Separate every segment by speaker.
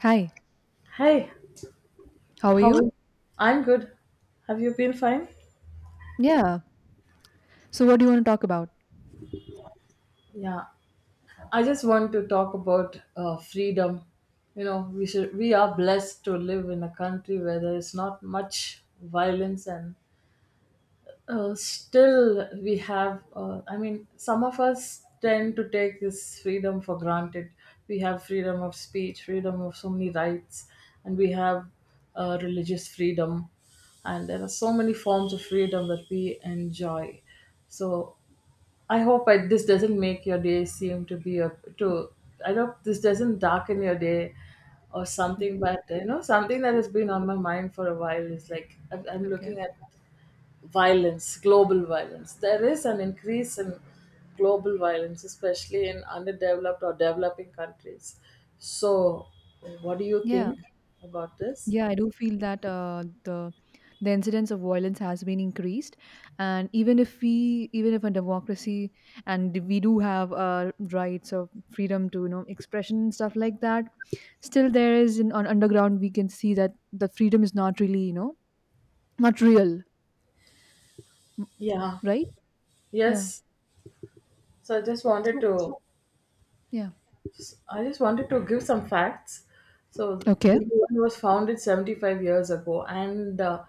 Speaker 1: Hi,
Speaker 2: Hey,
Speaker 1: how are
Speaker 2: how
Speaker 1: you?
Speaker 2: is I'm good. Have you been fine?
Speaker 1: Yeah. So, what do you want to talk about?
Speaker 2: Yeah. I just want to talk about freedom. You know, we are blessed to live in a country where there is not much violence, and still we have some of us tend to take this freedom for granted. We have freedom of speech, freedom of so many rights, and we have religious freedom, and there are so many forms of freedom that we enjoy. So I hope this doesn't make your day seem to be a to. I hope this doesn't darken your day or something. But you know, something that has been on my mind for a while is like I'm
Speaker 1: Okay.
Speaker 2: looking at violence, global violence. There is an increase in global violence, especially in underdeveloped or developing countries. So, what do you
Speaker 1: Yeah.
Speaker 2: think about this?
Speaker 1: Yeah, I do feel that the incidence of violence has been increased, and even if we, even if a democracy, and we do have rights of freedom to expression and stuff like that, still there is on underground we can see that the freedom is not really not real, m-
Speaker 2: Yeah.
Speaker 1: right? Yeah.
Speaker 2: Yes. So I just wanted
Speaker 1: So
Speaker 2: to,
Speaker 1: yeah.
Speaker 2: I just wanted to give some facts. So
Speaker 1: Okay.
Speaker 2: the UN was founded 75 years ago, and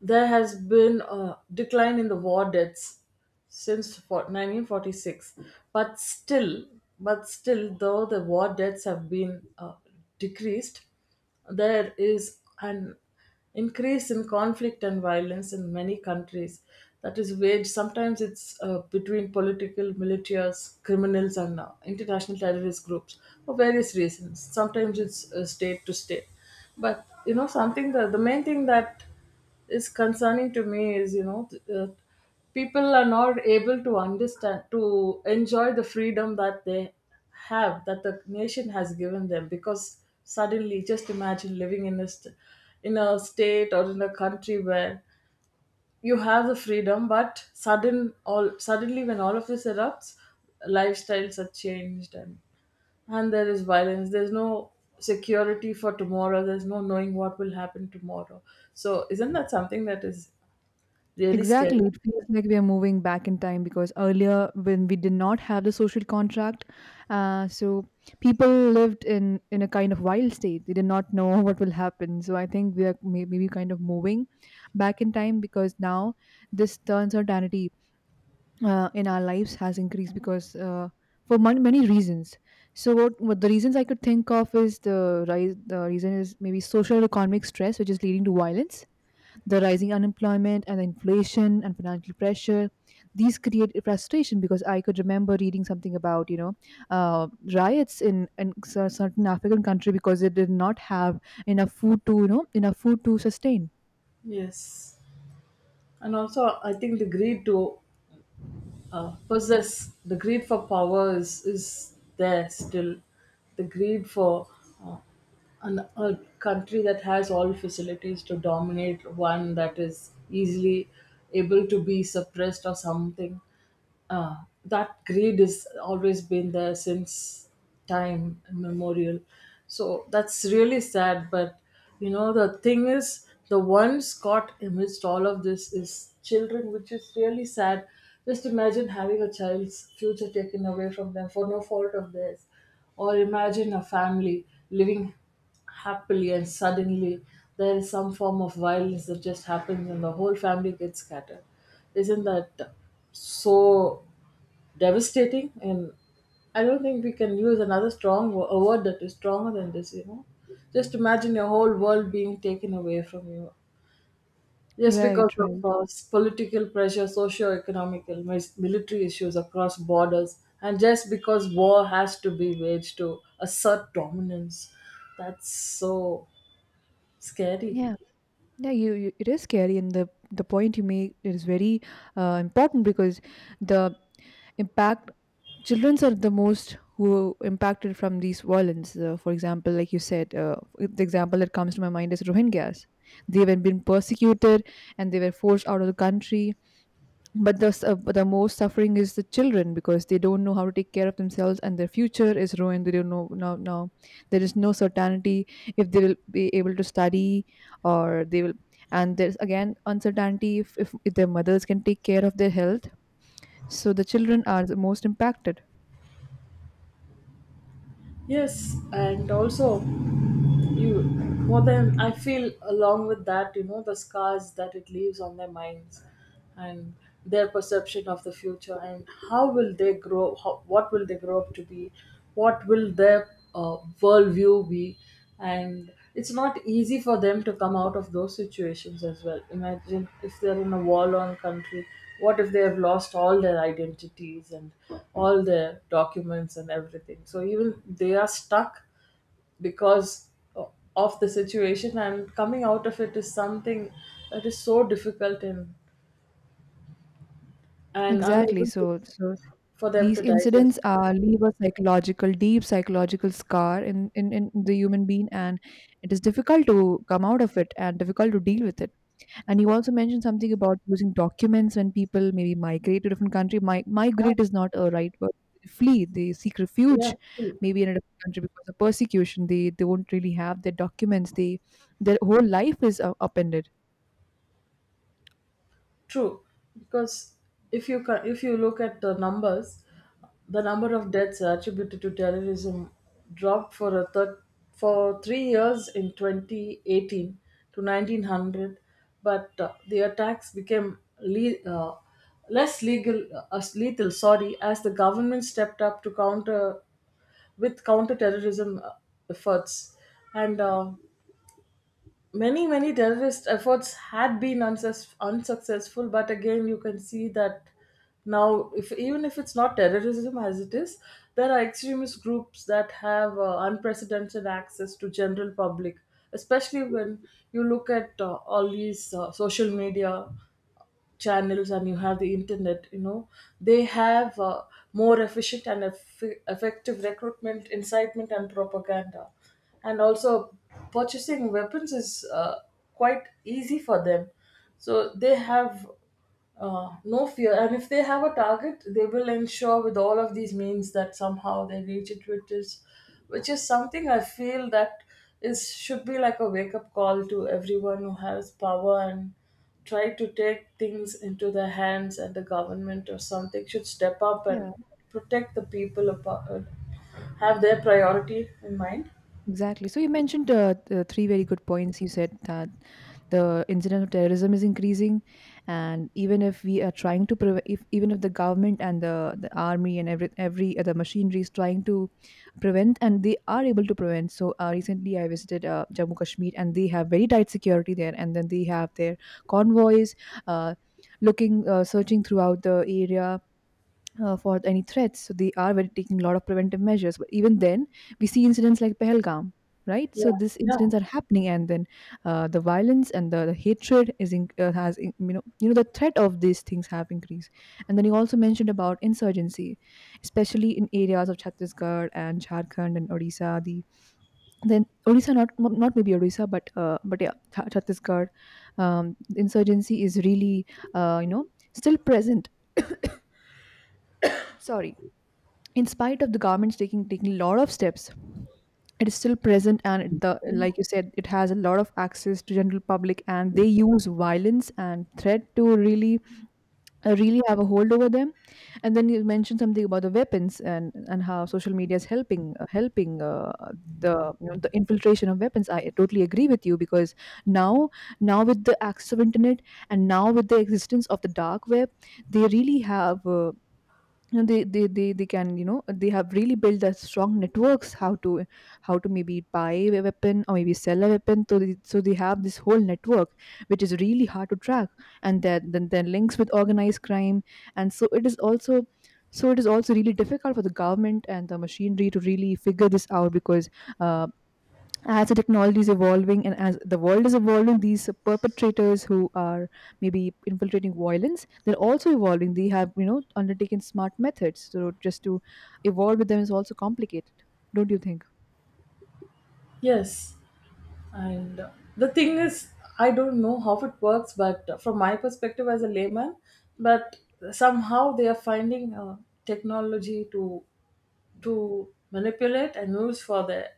Speaker 2: there has been a decline in the war deaths since 1946. But still, though the war deaths have been decreased, there is an increase in conflict and violence in many countries, that is waged sometimes it's between political militias, criminals, and international terrorist groups for various reasons. Sometimes it's state to state. But you know, something that the main thing that is concerning to me is, you know, people are not able to understand, to enjoy the freedom that they have, that the nation has given them. Because suddenly, just imagine living in a in a state or in a country where you have the freedom, but suddenly when all of this erupts, lifestyles are changed, and there is violence, there's no security for tomorrow, there's no knowing what will happen tomorrow. So isn't that something that is really scary?
Speaker 1: Exactly. It feels like we are moving back in time because earlier, when we did not have the social contract, uh, so people lived in a kind of wild state. They did not know what will happen. So I think we are maybe kind of moving back in time because now this the uncertainty in our lives has increased because for many reasons. So what the reasons I could think of is the rise. The reason is maybe social economic stress, which is leading to violence, the rising unemployment and the inflation and financial pressure. These create frustration because I could remember reading something about uh, riots in certain african country because they did not have enough food to enough food to sustain.
Speaker 2: Yes, and also I think the greed to possess, the greed for power is there still, the greed for uh, a country that has all facilities to dominate one that is easily able to be suppressed or something. Uh, that greed has always been there since time immemorial. So that's really sad. But you know, the thing is, the ones caught amidst all of this is children, which is really sad. Just imagine having a child's future taken away from them for no fault of theirs, or imagine a family living happily, and suddenly there is some form of violence that just happens and the whole family gets scattered. Isn't that so devastating? And I don't think we can use another strong a word that is stronger than this, you know. Just imagine your whole world being taken away from you. Yes, because
Speaker 1: Right, right.
Speaker 2: of political pressure, socio-economic and military issues across borders, and just because war has to be waged to assert dominance. That's so scary.
Speaker 1: Yeah. Yeah, you it is scary, and the point you make is very important because the impact childrens are the most who impacted from these violence. For example, like you said, the example that comes to my mind is Rohingyas. They were being persecuted and they were forced out of the country, but but the most suffering is the children because they don't know how to take care of themselves and their future is ruined. They don't know. Now there is no certainty if they will be able to study or they will and there's again uncertainty if their mothers can take care of their health. So the children are the most impacted.
Speaker 2: Yes, and also, you more than I feel, along with that, you know, the scars that it leaves on their minds, and their perception of the future, and how will they grow, what will they grow up to be, what will their worldview be. And it's not easy for them to come out of those situations as well. Imagine if they're in a war-torn country, what if they have lost all their identities and all their documents and everything, so even they are stuck because of the situation, and coming out of it is something that is so difficult, and
Speaker 1: Exactly,
Speaker 2: unable to,
Speaker 1: so
Speaker 2: for them
Speaker 1: these
Speaker 2: to
Speaker 1: incidents
Speaker 2: digest.
Speaker 1: are leave a psychological deep psychological scar in, in the human being, and it is difficult to come out of it and difficult to deal with it. And you also mentioned something about using documents when people maybe migrate to different country.
Speaker 2: Yeah.
Speaker 1: Migrate is not a right word. They flee. They seek refuge,
Speaker 2: Yeah.
Speaker 1: maybe in a different country because of persecution. They won't really have their documents. They their whole life is upended.
Speaker 2: True, because if you look at the numbers, the number of deaths attributed to terrorism dropped for a for 3 years in 2018 to 1900, but the attacks became less legal as lethal. Sorry, as the government stepped up to counter with counter terrorism efforts, and many terrorist efforts had been unsuccessful. But again, you can see that now, if even if it's not terrorism as it is, there are extremist groups that have unprecedented access to general public, especially when you look at all these social media channels, and you have the internet, you know, they have more efficient and effective recruitment, incitement, and propaganda. And also purchasing weapons is quite easy for them, so they have no fear. And if they have a target, they will ensure with all of these means that somehow they reach it, which is something I feel that is should be like a wake up call to everyone who has power and try to take things into their hands. And the government or something should step up and protect the people, about, have their priority in mind.
Speaker 1: Exactly. So you mentioned the three very good points. You said that the incidence of terrorism is increasing, and even if we are trying to prevent, if even if the government and the army and every other machinery is trying to prevent, and they are able to prevent. So recently, I visited Jammu Kashmir, and they have very tight security there, and then they have their convoys uh, looking, searching throughout the area for any threats. So they are very, taking a lot of preventive measures. But even then, we see incidents like Pehelgam, right? So
Speaker 2: Yeah.
Speaker 1: these
Speaker 2: Yeah.
Speaker 1: incidents are happening, and then the violence and the hatred is you know the threat of these things have increased. And then you also mentioned about insurgency, especially in areas of Chhattisgarh and Jharkhand and Odisha. The then Odisha, not maybe Odisha, but yeah, Chhattisgarh. Insurgency is really uh, you know still present. Sorry, in spite of the government's taking a lot of steps, it is still present, and the like you said it has a lot of access to general public and they use violence and threat to really really have a hold over them. And then you mentioned something about the weapons and how social media is helping helping the you know, the infiltration of weapons. I totally agree with you because now now with the access of internet and now with the existence of the dark web they really have you know, they can they have really built a strong networks how to maybe buy a weapon or maybe sell a weapon. So they have this whole network which is really hard to track. And then then links with organized crime. And so it is also So it is also really difficult for the government and the machinery to really figure this out because uh, as the technology is evolving and as the world is evolving, these perpetrators who are maybe infiltrating violence they're also evolving. They have, you know, undertaken smart methods, so just to evolve with them is also complicated. Don't you think?
Speaker 2: Yes. And the thing is, I don't know how it works, but from my perspective as a layman, but somehow they are finding technology to manipulate and use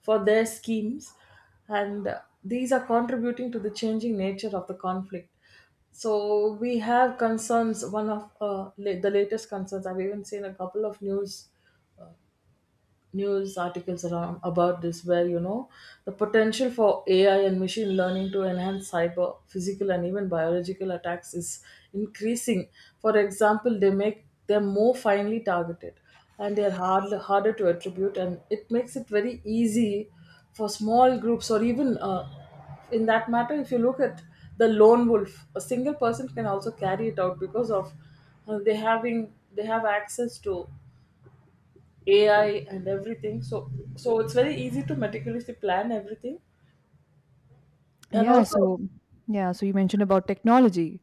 Speaker 2: for their schemes, and these are contributing to the changing nature of the conflict. So we have concerns. One of the latest concerns, I've even seen a couple of news articles around about this, where you know the potential for AI and machine learning to enhance cyber, physical, and even biological attacks is increasing. For example, they make them more finely targeted, and they're harder to attribute, and it makes it very easy for small groups or even in that matter, if you look at the lone wolf, a single person can also carry it out because of they have access to AI and everything. So so it's very easy to meticulously plan everything. And
Speaker 1: Yeah,
Speaker 2: also,
Speaker 1: so you mentioned about technology,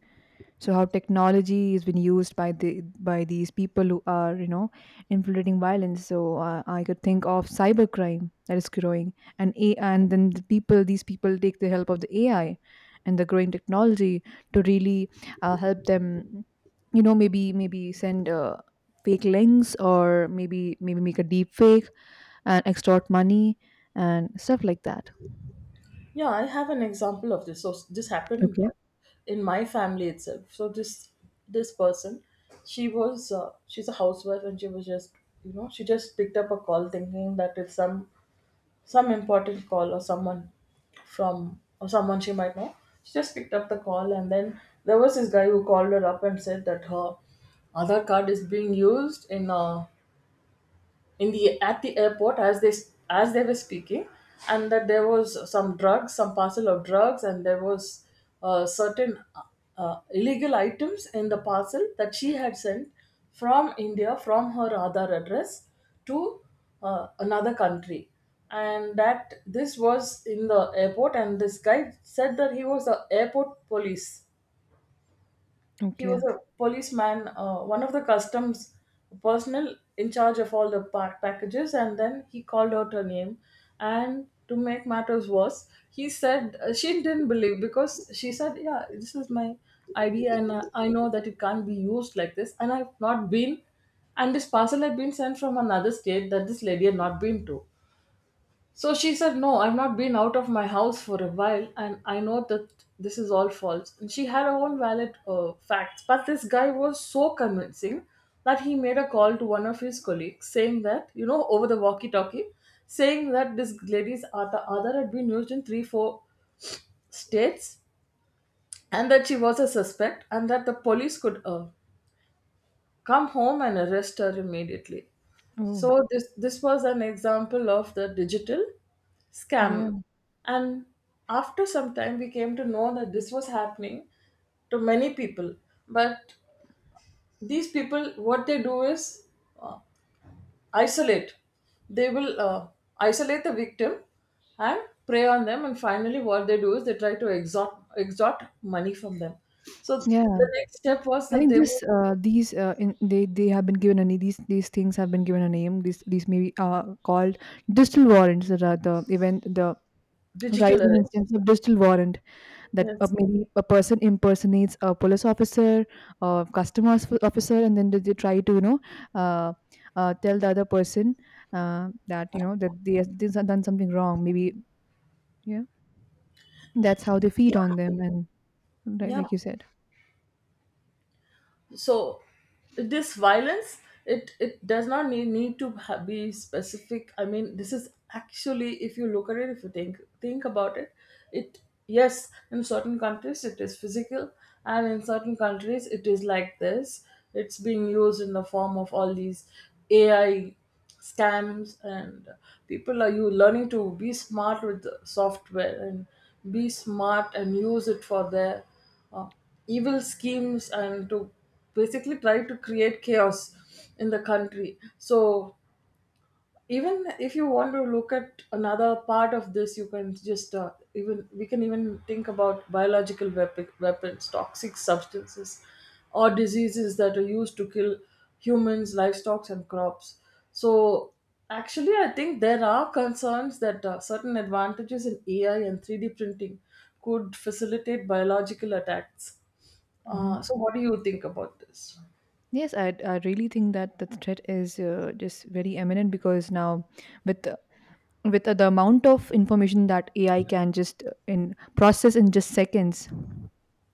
Speaker 1: so how technology has been used by these people who are, you know, infiltrating violence. So I could think of cybercrime that is growing. And then these people take the help of the AI and the growing technology to really help them. You know, maybe send fake links, or maybe make a deep fake and extort money and stuff like that.
Speaker 2: yeah, I have an example of this. So this happened
Speaker 1: Okay.
Speaker 2: in my family itself. So this person, she was she's a housewife, and she was just, you know, she just picked up a call thinking that it's some important call, or someone from or someone she might know. She just picked up the call, and then there was this guy who called her up and said that her other card is being used in a in the at the airport, as they were speaking, and that there was some drugs, some parcel of drugs, and there was certain illegal items in the parcel that she had sent from India from her other address to another country, and that this was in the airport. And this guy said that he was the airport police, he
Speaker 1: Okay.
Speaker 2: was a policeman, one of the customs personnel in charge of all the packages, and then he called out her name. And to make matters worse, he said, she didn't believe because she said, "Yeah, this is my ID, and I know that it can't be used like this, and I've not been." And this parcel had been sent from another state that this lady had not been to. So she said, "No, I've not been out of my house for a while, and I know that this is all false." And she had her own valid facts. But this guy was so convincing that he made a call to one of his colleagues, saying that, you know, over the walkie talkie, saying that this lady's Ada Aadhaar had been used in 3, 4 states, and that she was a suspect, and that the police could come home and arrest her immediately.
Speaker 1: Oh.
Speaker 2: So this was an example of the digital
Speaker 1: Yeah.
Speaker 2: scam. And after some time, we came to know that this was happening to many people. But these people, what they do is isolate. They will isolate the victim and prey on them, and finally, what they do is they try to extort money from them. So
Speaker 1: Yeah,
Speaker 2: the next step was
Speaker 1: I
Speaker 2: that
Speaker 1: think
Speaker 2: they would,
Speaker 1: this these in, they have been given a name. These things have been given a name. These maybe are called digital warrants. That are the event the
Speaker 2: digital
Speaker 1: rising
Speaker 2: arrest.
Speaker 1: instance of digital warrant, that
Speaker 2: Yes.
Speaker 1: maybe a person impersonates a police officer or customer officer, and then they try to you know uh, tell the other person that you know that these have done something wrong. Maybe yeah, that's how they feed on them, and right,
Speaker 2: Yeah.
Speaker 1: like you said.
Speaker 2: So this violence, it does not need to be specific. This is actually, if you look at it, if you think about it, it yes, in certain countries it is physical, and in certain countries it is like this, it's being used in the form of all these AI scams. And people are you learning to be smart with the software, and be smart and use it for their uh, evil schemes, and to basically try to create chaos in the country. So even if you want to look at another part of this, you can just even we can even think about biological weapons, toxic substances, or diseases that are used to kill humans, livestock, and crops. So actually, I think there are concerns that certain advantages in AI and 3D printing could facilitate biological attacks. So, what do you think about this?
Speaker 1: Yes, I really think that the threat is just very eminent because with the- with the amount of information that AI can just in process in just seconds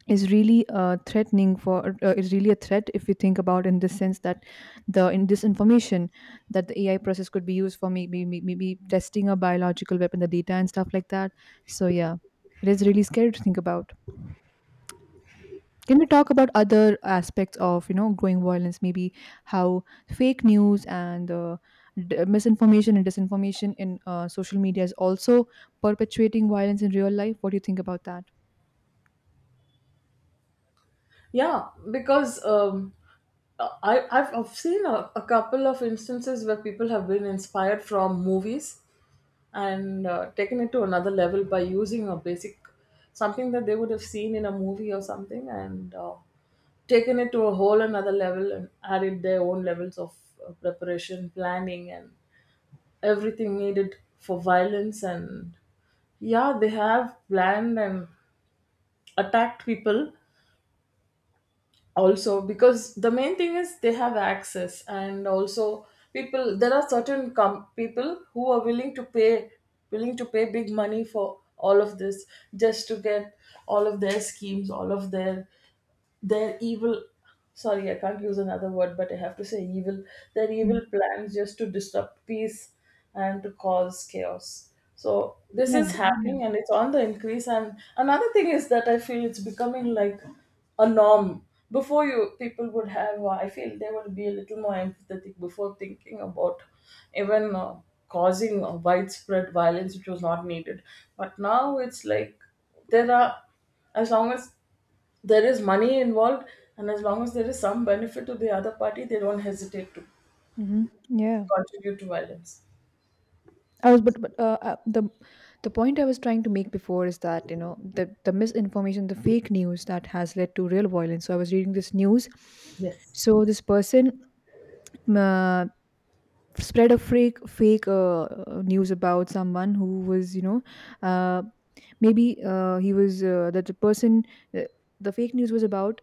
Speaker 1: is really threatening for is really a threat if you think about in the sense that the in this information that the AI process could be used for maybe testing a biological weapon, the data and stuff like that. So yeah, it is really scary to think about. Can we talk about other aspects of, you know, growing violence? Maybe how fake news and misinformation and disinformation in social media is also perpetuating violence in real life. What do you think about that?
Speaker 2: Yeah, because I've seen a couple of instances where people have been inspired from movies and taken it to another level by using a basic something that they would have seen in a movie or something and taken it to a whole another level and added their own levels of preparation, planning, and everything needed for violence. And yeah, they have planned and attacked people also because the main thing is they have access. And also, people, there are certain people who are willing to pay, willing to pay big money for all of this just to get all of their schemes, all of their evil, sorry I can't use another word but I have to say evil, their
Speaker 1: Mm.
Speaker 2: evil plans just to disrupt peace and to cause chaos. So this
Speaker 1: Yeah,
Speaker 2: is
Speaker 1: yeah,
Speaker 2: happening and it's on the increase, and another thing is that I feel it's becoming like a norm. Before, you people would have I feel they would be a little more empathetic before thinking about even causing widespread violence which was not needed. But now it's like, there are, as long as there is money involved, and as long as there is some benefit to the other party, they don't hesitate to
Speaker 1: mhm, yeah.
Speaker 2: contribute to violence.
Speaker 1: I was, but The point I was trying to make before is that you know the misinformation, the fake news that has led to real violence. So I was reading this news.
Speaker 2: Yes.
Speaker 1: So this person, uh, spread a fake news about someone who was you know uh, maybe he was that the person uh, the fake news was about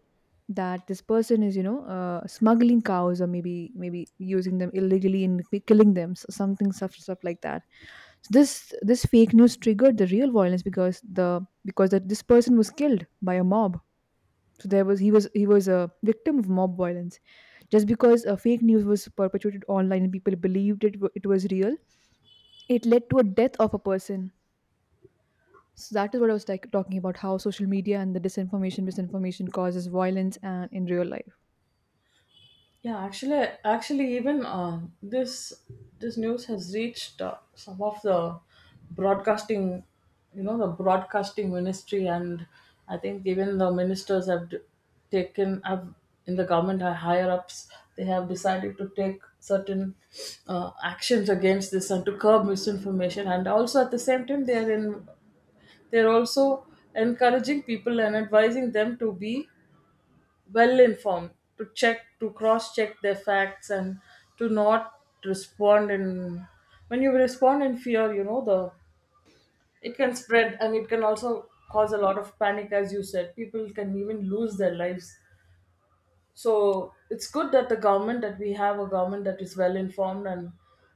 Speaker 1: that this person is you know smuggling cows or maybe using them illegally and killing them, so something stuff like that. So this fake news triggered the real violence because the because that this person was killed by a mob. So there was he was He was a victim of mob violence, just because fake news was perpetuated online and people believed it was real. It led to a death of a person. So that is what I was like talking about, how social media and the disinformation misinformation causes violence and in real life.
Speaker 2: Yeah, actually, actually, even this, this news has reached some of the broadcasting, you know, the broadcasting ministry, and I think even the ministers have taken, have, in the government higher ups. They have decided to take certain actions against this and to curb misinformation, and also at the same time they are in, they're also encouraging people and advising them to be well informed, to check, to cross check their facts, and to not respond in. When you respond in fear, you know, the it can spread and it can also cause a lot of panic, as you said. People can even lose their lives, so it's good that the government, that we have a government that is well informed,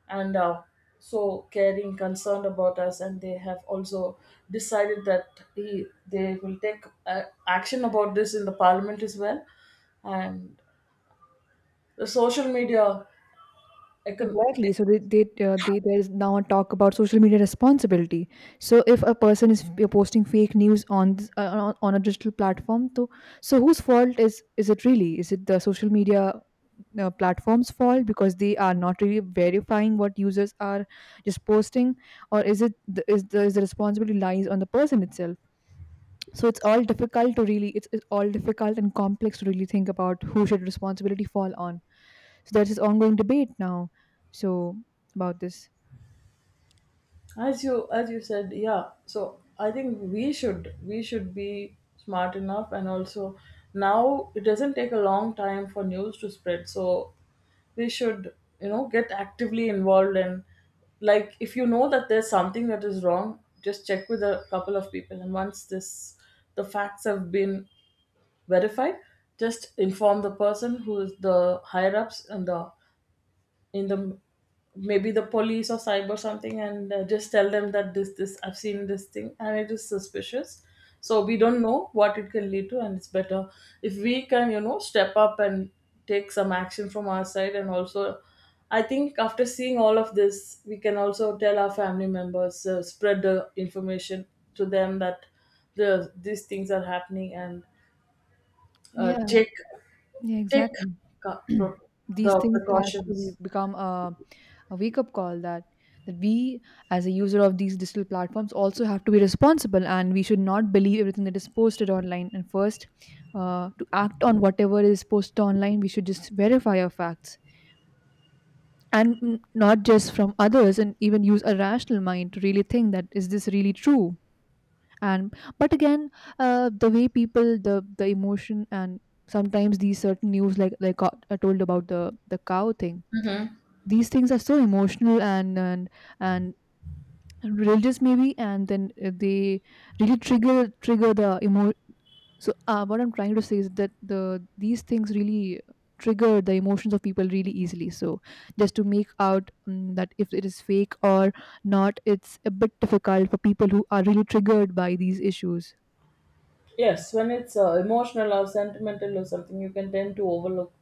Speaker 2: and so caring, concerned about us, and they have also decided that he, they will take action about this in the parliament as well, and the social media econ-
Speaker 1: Exactly. So they there's now a talk about social media responsibility. So if a person is posting fake news on on a digital platform, to so whose fault is it really? Is it the social media platform's fault because they are not really verifying what users are just posting, or is it is the responsibility lies on the person itself? So it's all difficult to really, it's all difficult and complex to really think about who should responsibility fall on. So there's this ongoing debate now so about this.
Speaker 2: as you, as you said, yeah, so I think we should, we should be smart enough. And also, now it doesn't take a long time for news to spread, so we should, you know, get actively involved. And like, if you know that there's something that is wrong, just check with a couple of people, and once this, the facts have been verified, just inform the person who is the higher ups, and the, in the, maybe the police or cyber something, and just tell them that this I've seen this thing and it is suspicious. So we don't know what it can lead to, and it's better if we can, you know, step up and take some action from our side. And also, I think after seeing all of this, we can also tell our family members, spread the information to them, that the, these things are happening. And
Speaker 1: Yeah.
Speaker 2: take,
Speaker 1: Yeah,
Speaker 2: take
Speaker 1: exactly.
Speaker 2: uh, pro-
Speaker 1: These
Speaker 2: the
Speaker 1: things has to be,
Speaker 2: precautions.
Speaker 1: become a wake up call that we as a user of these digital platforms also have to be responsible, and we should not believe everything that is posted online. And first, to act on whatever is posted online, we should just verify our facts, and not just from others, and even use a rational mind to really think, that is this really true? And but again, the way people the emotion and sometimes these certain news, like I told about the cow thing, these things are so emotional and and religious maybe, and then they really what I'm trying to say is that these things really trigger the emotions of people really easily. So just to make out that if it is fake or not, it's a bit difficult for people who are really triggered by these issues.
Speaker 2: Yes, when it's emotional or sentimental or something, you can tend to overlook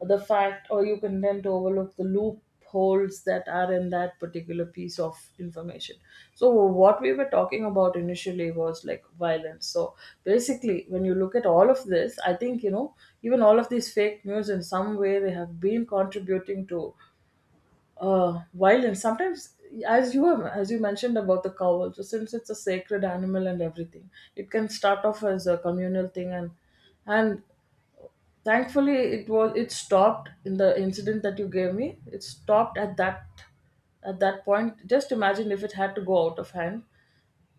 Speaker 2: the fact, or you can tend to overlook the loopholes that are in that particular piece of information. So, what we were talking about initially was like violence. So, basically, when you look at all of this, I think, you know, even all of these fake news in some way they have been contributing to wild, and sometimes, as you have, as you mentioned about the cow also, since it's a sacred animal and everything, it can start off as a communal thing. And thankfully it was, it stopped in the incident that you gave me, it stopped at that, at that point. Just imagine if it had to go out of hand,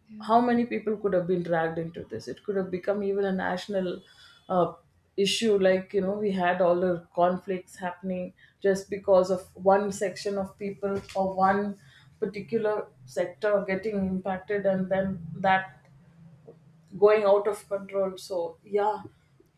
Speaker 1: Yeah.
Speaker 2: how many people could have been dragged into this. It could have become even a national uh, issue, like, you know, we had all the conflicts happening just because of one section of people or one particular sector getting impacted, and then that going out of control. So yeah,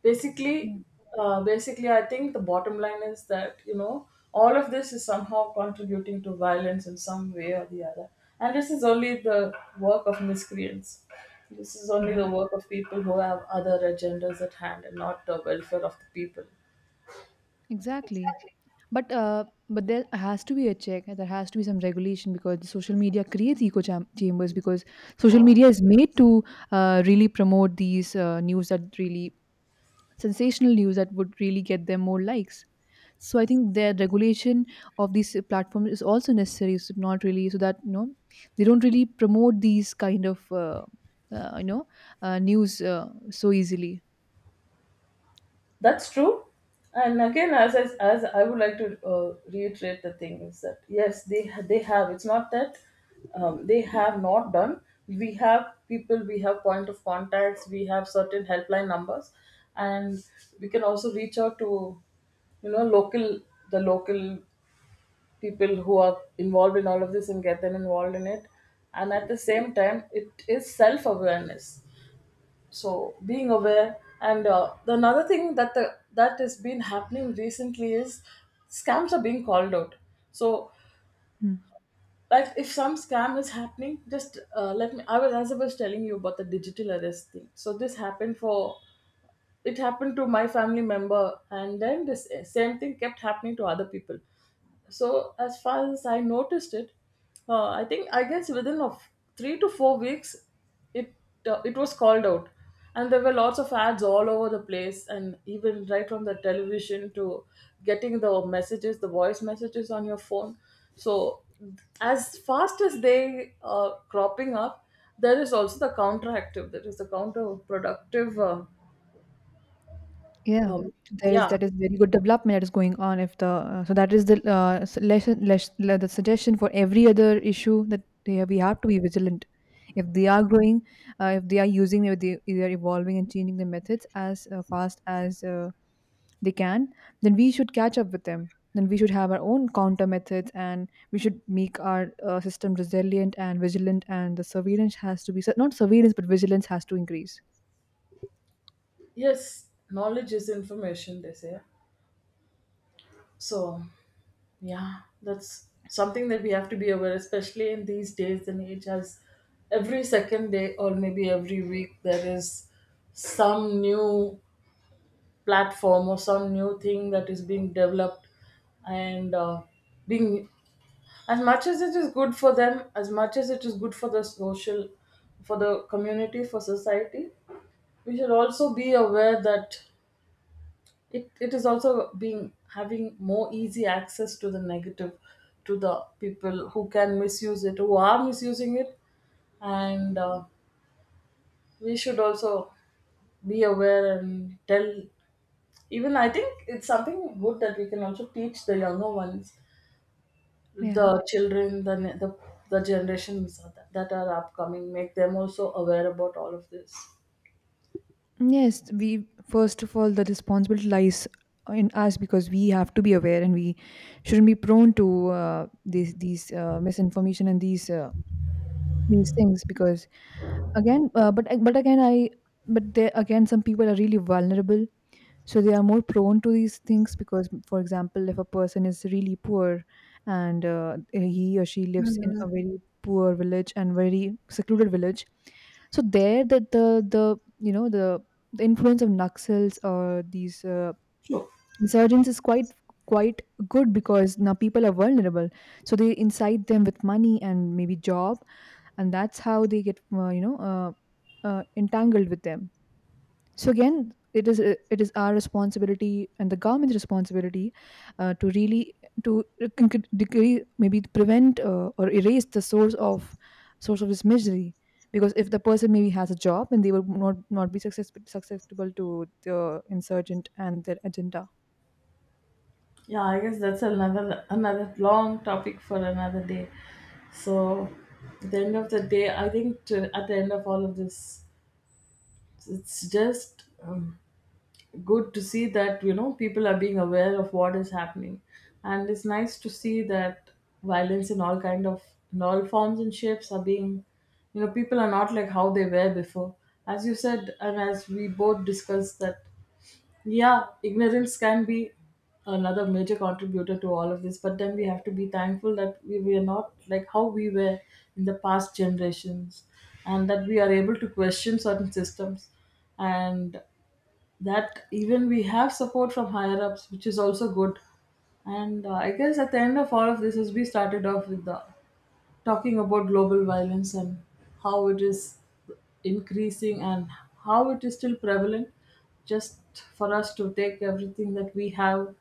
Speaker 2: basically,
Speaker 1: Yeah.
Speaker 2: basically I think the bottom line is that, you know, all of this is somehow contributing to violence in some way or the other. And this is only the work of miscreants, this is only the
Speaker 1: Mhm.
Speaker 2: work of people who have other agendas at hand and not the welfare of the people.
Speaker 1: Exactly. But uh, but there has to be a check. There has to be some regulation because social media creates chambers, because social media is made to really promote these news that really sensational news that would really get them more likes. So I think their regulation of these platforms is also necessary. So not really, so that you know they don't really promote these kind of uh, you know news so easily.
Speaker 2: That's true. And again, as I would like to reiterate, the thing is that yes, they have. It's not that they have not done. We have people, we have point of contacts, we have certain helpline numbers, and we can also reach out to, you know, local, the local people who are involved in all of this and get them involved in it. And at the same time, it is self awareness, so being aware. And the another thing that the, that has been happening recently is scams are being called out. So
Speaker 1: Hmm.
Speaker 2: like, if some scam is happening, just let me, I was, as I was telling you about the digital arrest thing, so this happened for, it happened to my family member, and then this same thing kept happening to other people. So as far as I noticed it, I think I guess within of 3 to 4 weeks, it it was called out, and there were lots of ads all over the place, and even right from the television to getting the messages, the voice messages on your phone. So as fast as they are cropping up, there is also the counteractive, that is the counterproductive
Speaker 1: Yeah,
Speaker 2: um,
Speaker 1: there is
Speaker 2: yeah,
Speaker 1: that is very good development that is going on. If the So that is the the suggestion for every other issue that we have to be vigilant. If they are growing, if they are using, if they are evolving and changing the methods as fast as they can, then we should catch up with them. Then we should have our own counter methods, and we should make our system resilient and vigilant. And the surveillance has to be, so not surveillance, but vigilance has to increase.
Speaker 2: yes, knowledge is information, they say. So, yeah, that's something that we have to be aware, especially in these days and age, as every second day or maybe every week there is some new platform or some new thing that is being developed, and being, as much as it is good for them, as much as it is good for the social, for the community, for society, we should also be aware that it is also being having more easy access to the negative, to the people who can misuse it, who are misusing it. And we should also be aware and tell, even I think it's something good that we can also teach the younger ones, the
Speaker 1: Yeah.
Speaker 2: children, the the generations that, that are upcoming, make them also aware about all of this.
Speaker 1: Yes, we, first of all, the responsibility lies in us, because we have to be aware and we shouldn't be prone to these misinformation and these things. Because again, but there again, some people are really vulnerable, so they are more prone to these things. Because for example, if a person is really poor and he or she lives in a very poor village and very secluded village, so there that the you know the influence of naxals or these
Speaker 2: Sure.
Speaker 1: insurgents is quite quite good. Because now people are vulnerable, so they incite them with money and maybe job, and that's how they get entangled with them. So again, it is our responsibility and the government's responsibility to really to decree, maybe prevent or erase the source of this misery. Because if the person maybe has a job, then they will not be susceptible to the insurgent and their agenda.
Speaker 2: Yeah, I guess that's another, another long topic for another day. So, at the end of the day, I think to, at the end of all of this, it's just good to see that, you know, people are being aware of what is happening, and it's nice to see that violence in all kind of, in all forms and shapes are being, you know, people are not like how they were before. As you said, and as we both discussed that, yeah, ignorance can be another major contributor to all of this, but then we have to be thankful that we are not like how we were in the past generations, and that we are able to question certain systems, and that even we have support from higher ups, which is also good. And I guess at the end of all of this, as we started off with the talking about global violence and how it is increasing and how it is still prevalent, just for us to take everything that we have,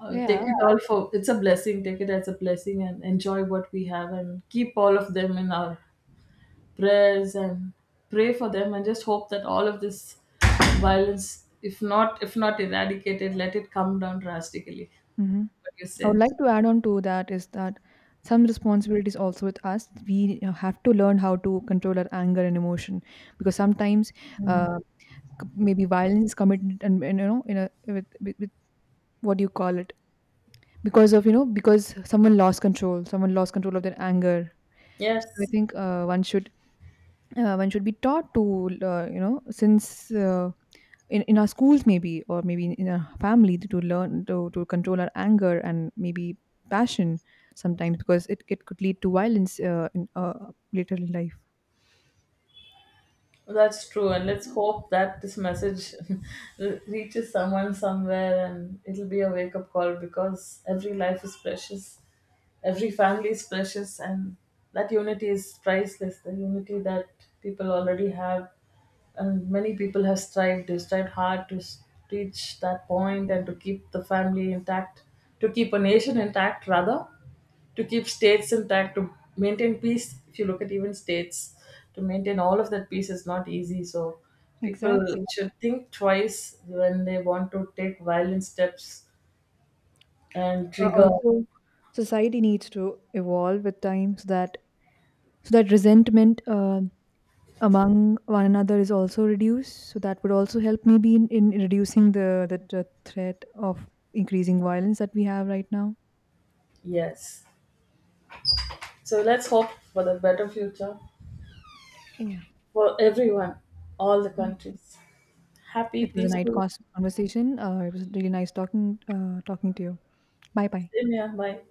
Speaker 2: take
Speaker 1: Yeah.
Speaker 2: it all for, it's a blessing, take it as a blessing and enjoy what we have, and keep all of them in our prayers and pray for them, and just hope that all of this violence, if not, if not eradicated, let it come down drastically.
Speaker 1: Mhm.
Speaker 2: What do you
Speaker 1: I would
Speaker 2: say?
Speaker 1: like to add on to that is that some responsibilities also with us. We have to learn how to control our anger and emotion, because sometimes uh, maybe violence committed and you know in a with what do you call it, because of you know, because someone lost control of their anger. So I
Speaker 2: Yes.
Speaker 1: think one should be taught to, you know, since in our schools maybe, or maybe in our family, to learn to control our anger and maybe passion sometimes, because it could lead to violence in later in life.
Speaker 2: That's true, and let's hope that this message reaches someone somewhere, and it'll be a wake up call, because every life is precious, every family is precious. And that unity is priceless, the unity that people already have, and many people have strived, they strived hard to reach that point and to keep the family intact, to keep a nation intact rather, to keep states intact, to maintain peace. If you look at even states, to maintain all of that peace is not easy. So people
Speaker 1: Exactly.
Speaker 2: should think twice when they want to take violent steps and trigger.
Speaker 1: Also, society needs to evolve with time, so that so that resentment among one another is also reduced, so that would also help maybe in reducing the threat of increasing violence that we have right now.
Speaker 2: Yes. So let's hope for the better future
Speaker 1: Yeah.
Speaker 2: for everyone, all the countries. Happy,
Speaker 1: It was a nice
Speaker 2: peaceful.
Speaker 1: conversation. It was really nice talking to you. Bye bye.
Speaker 2: Same here. Bye.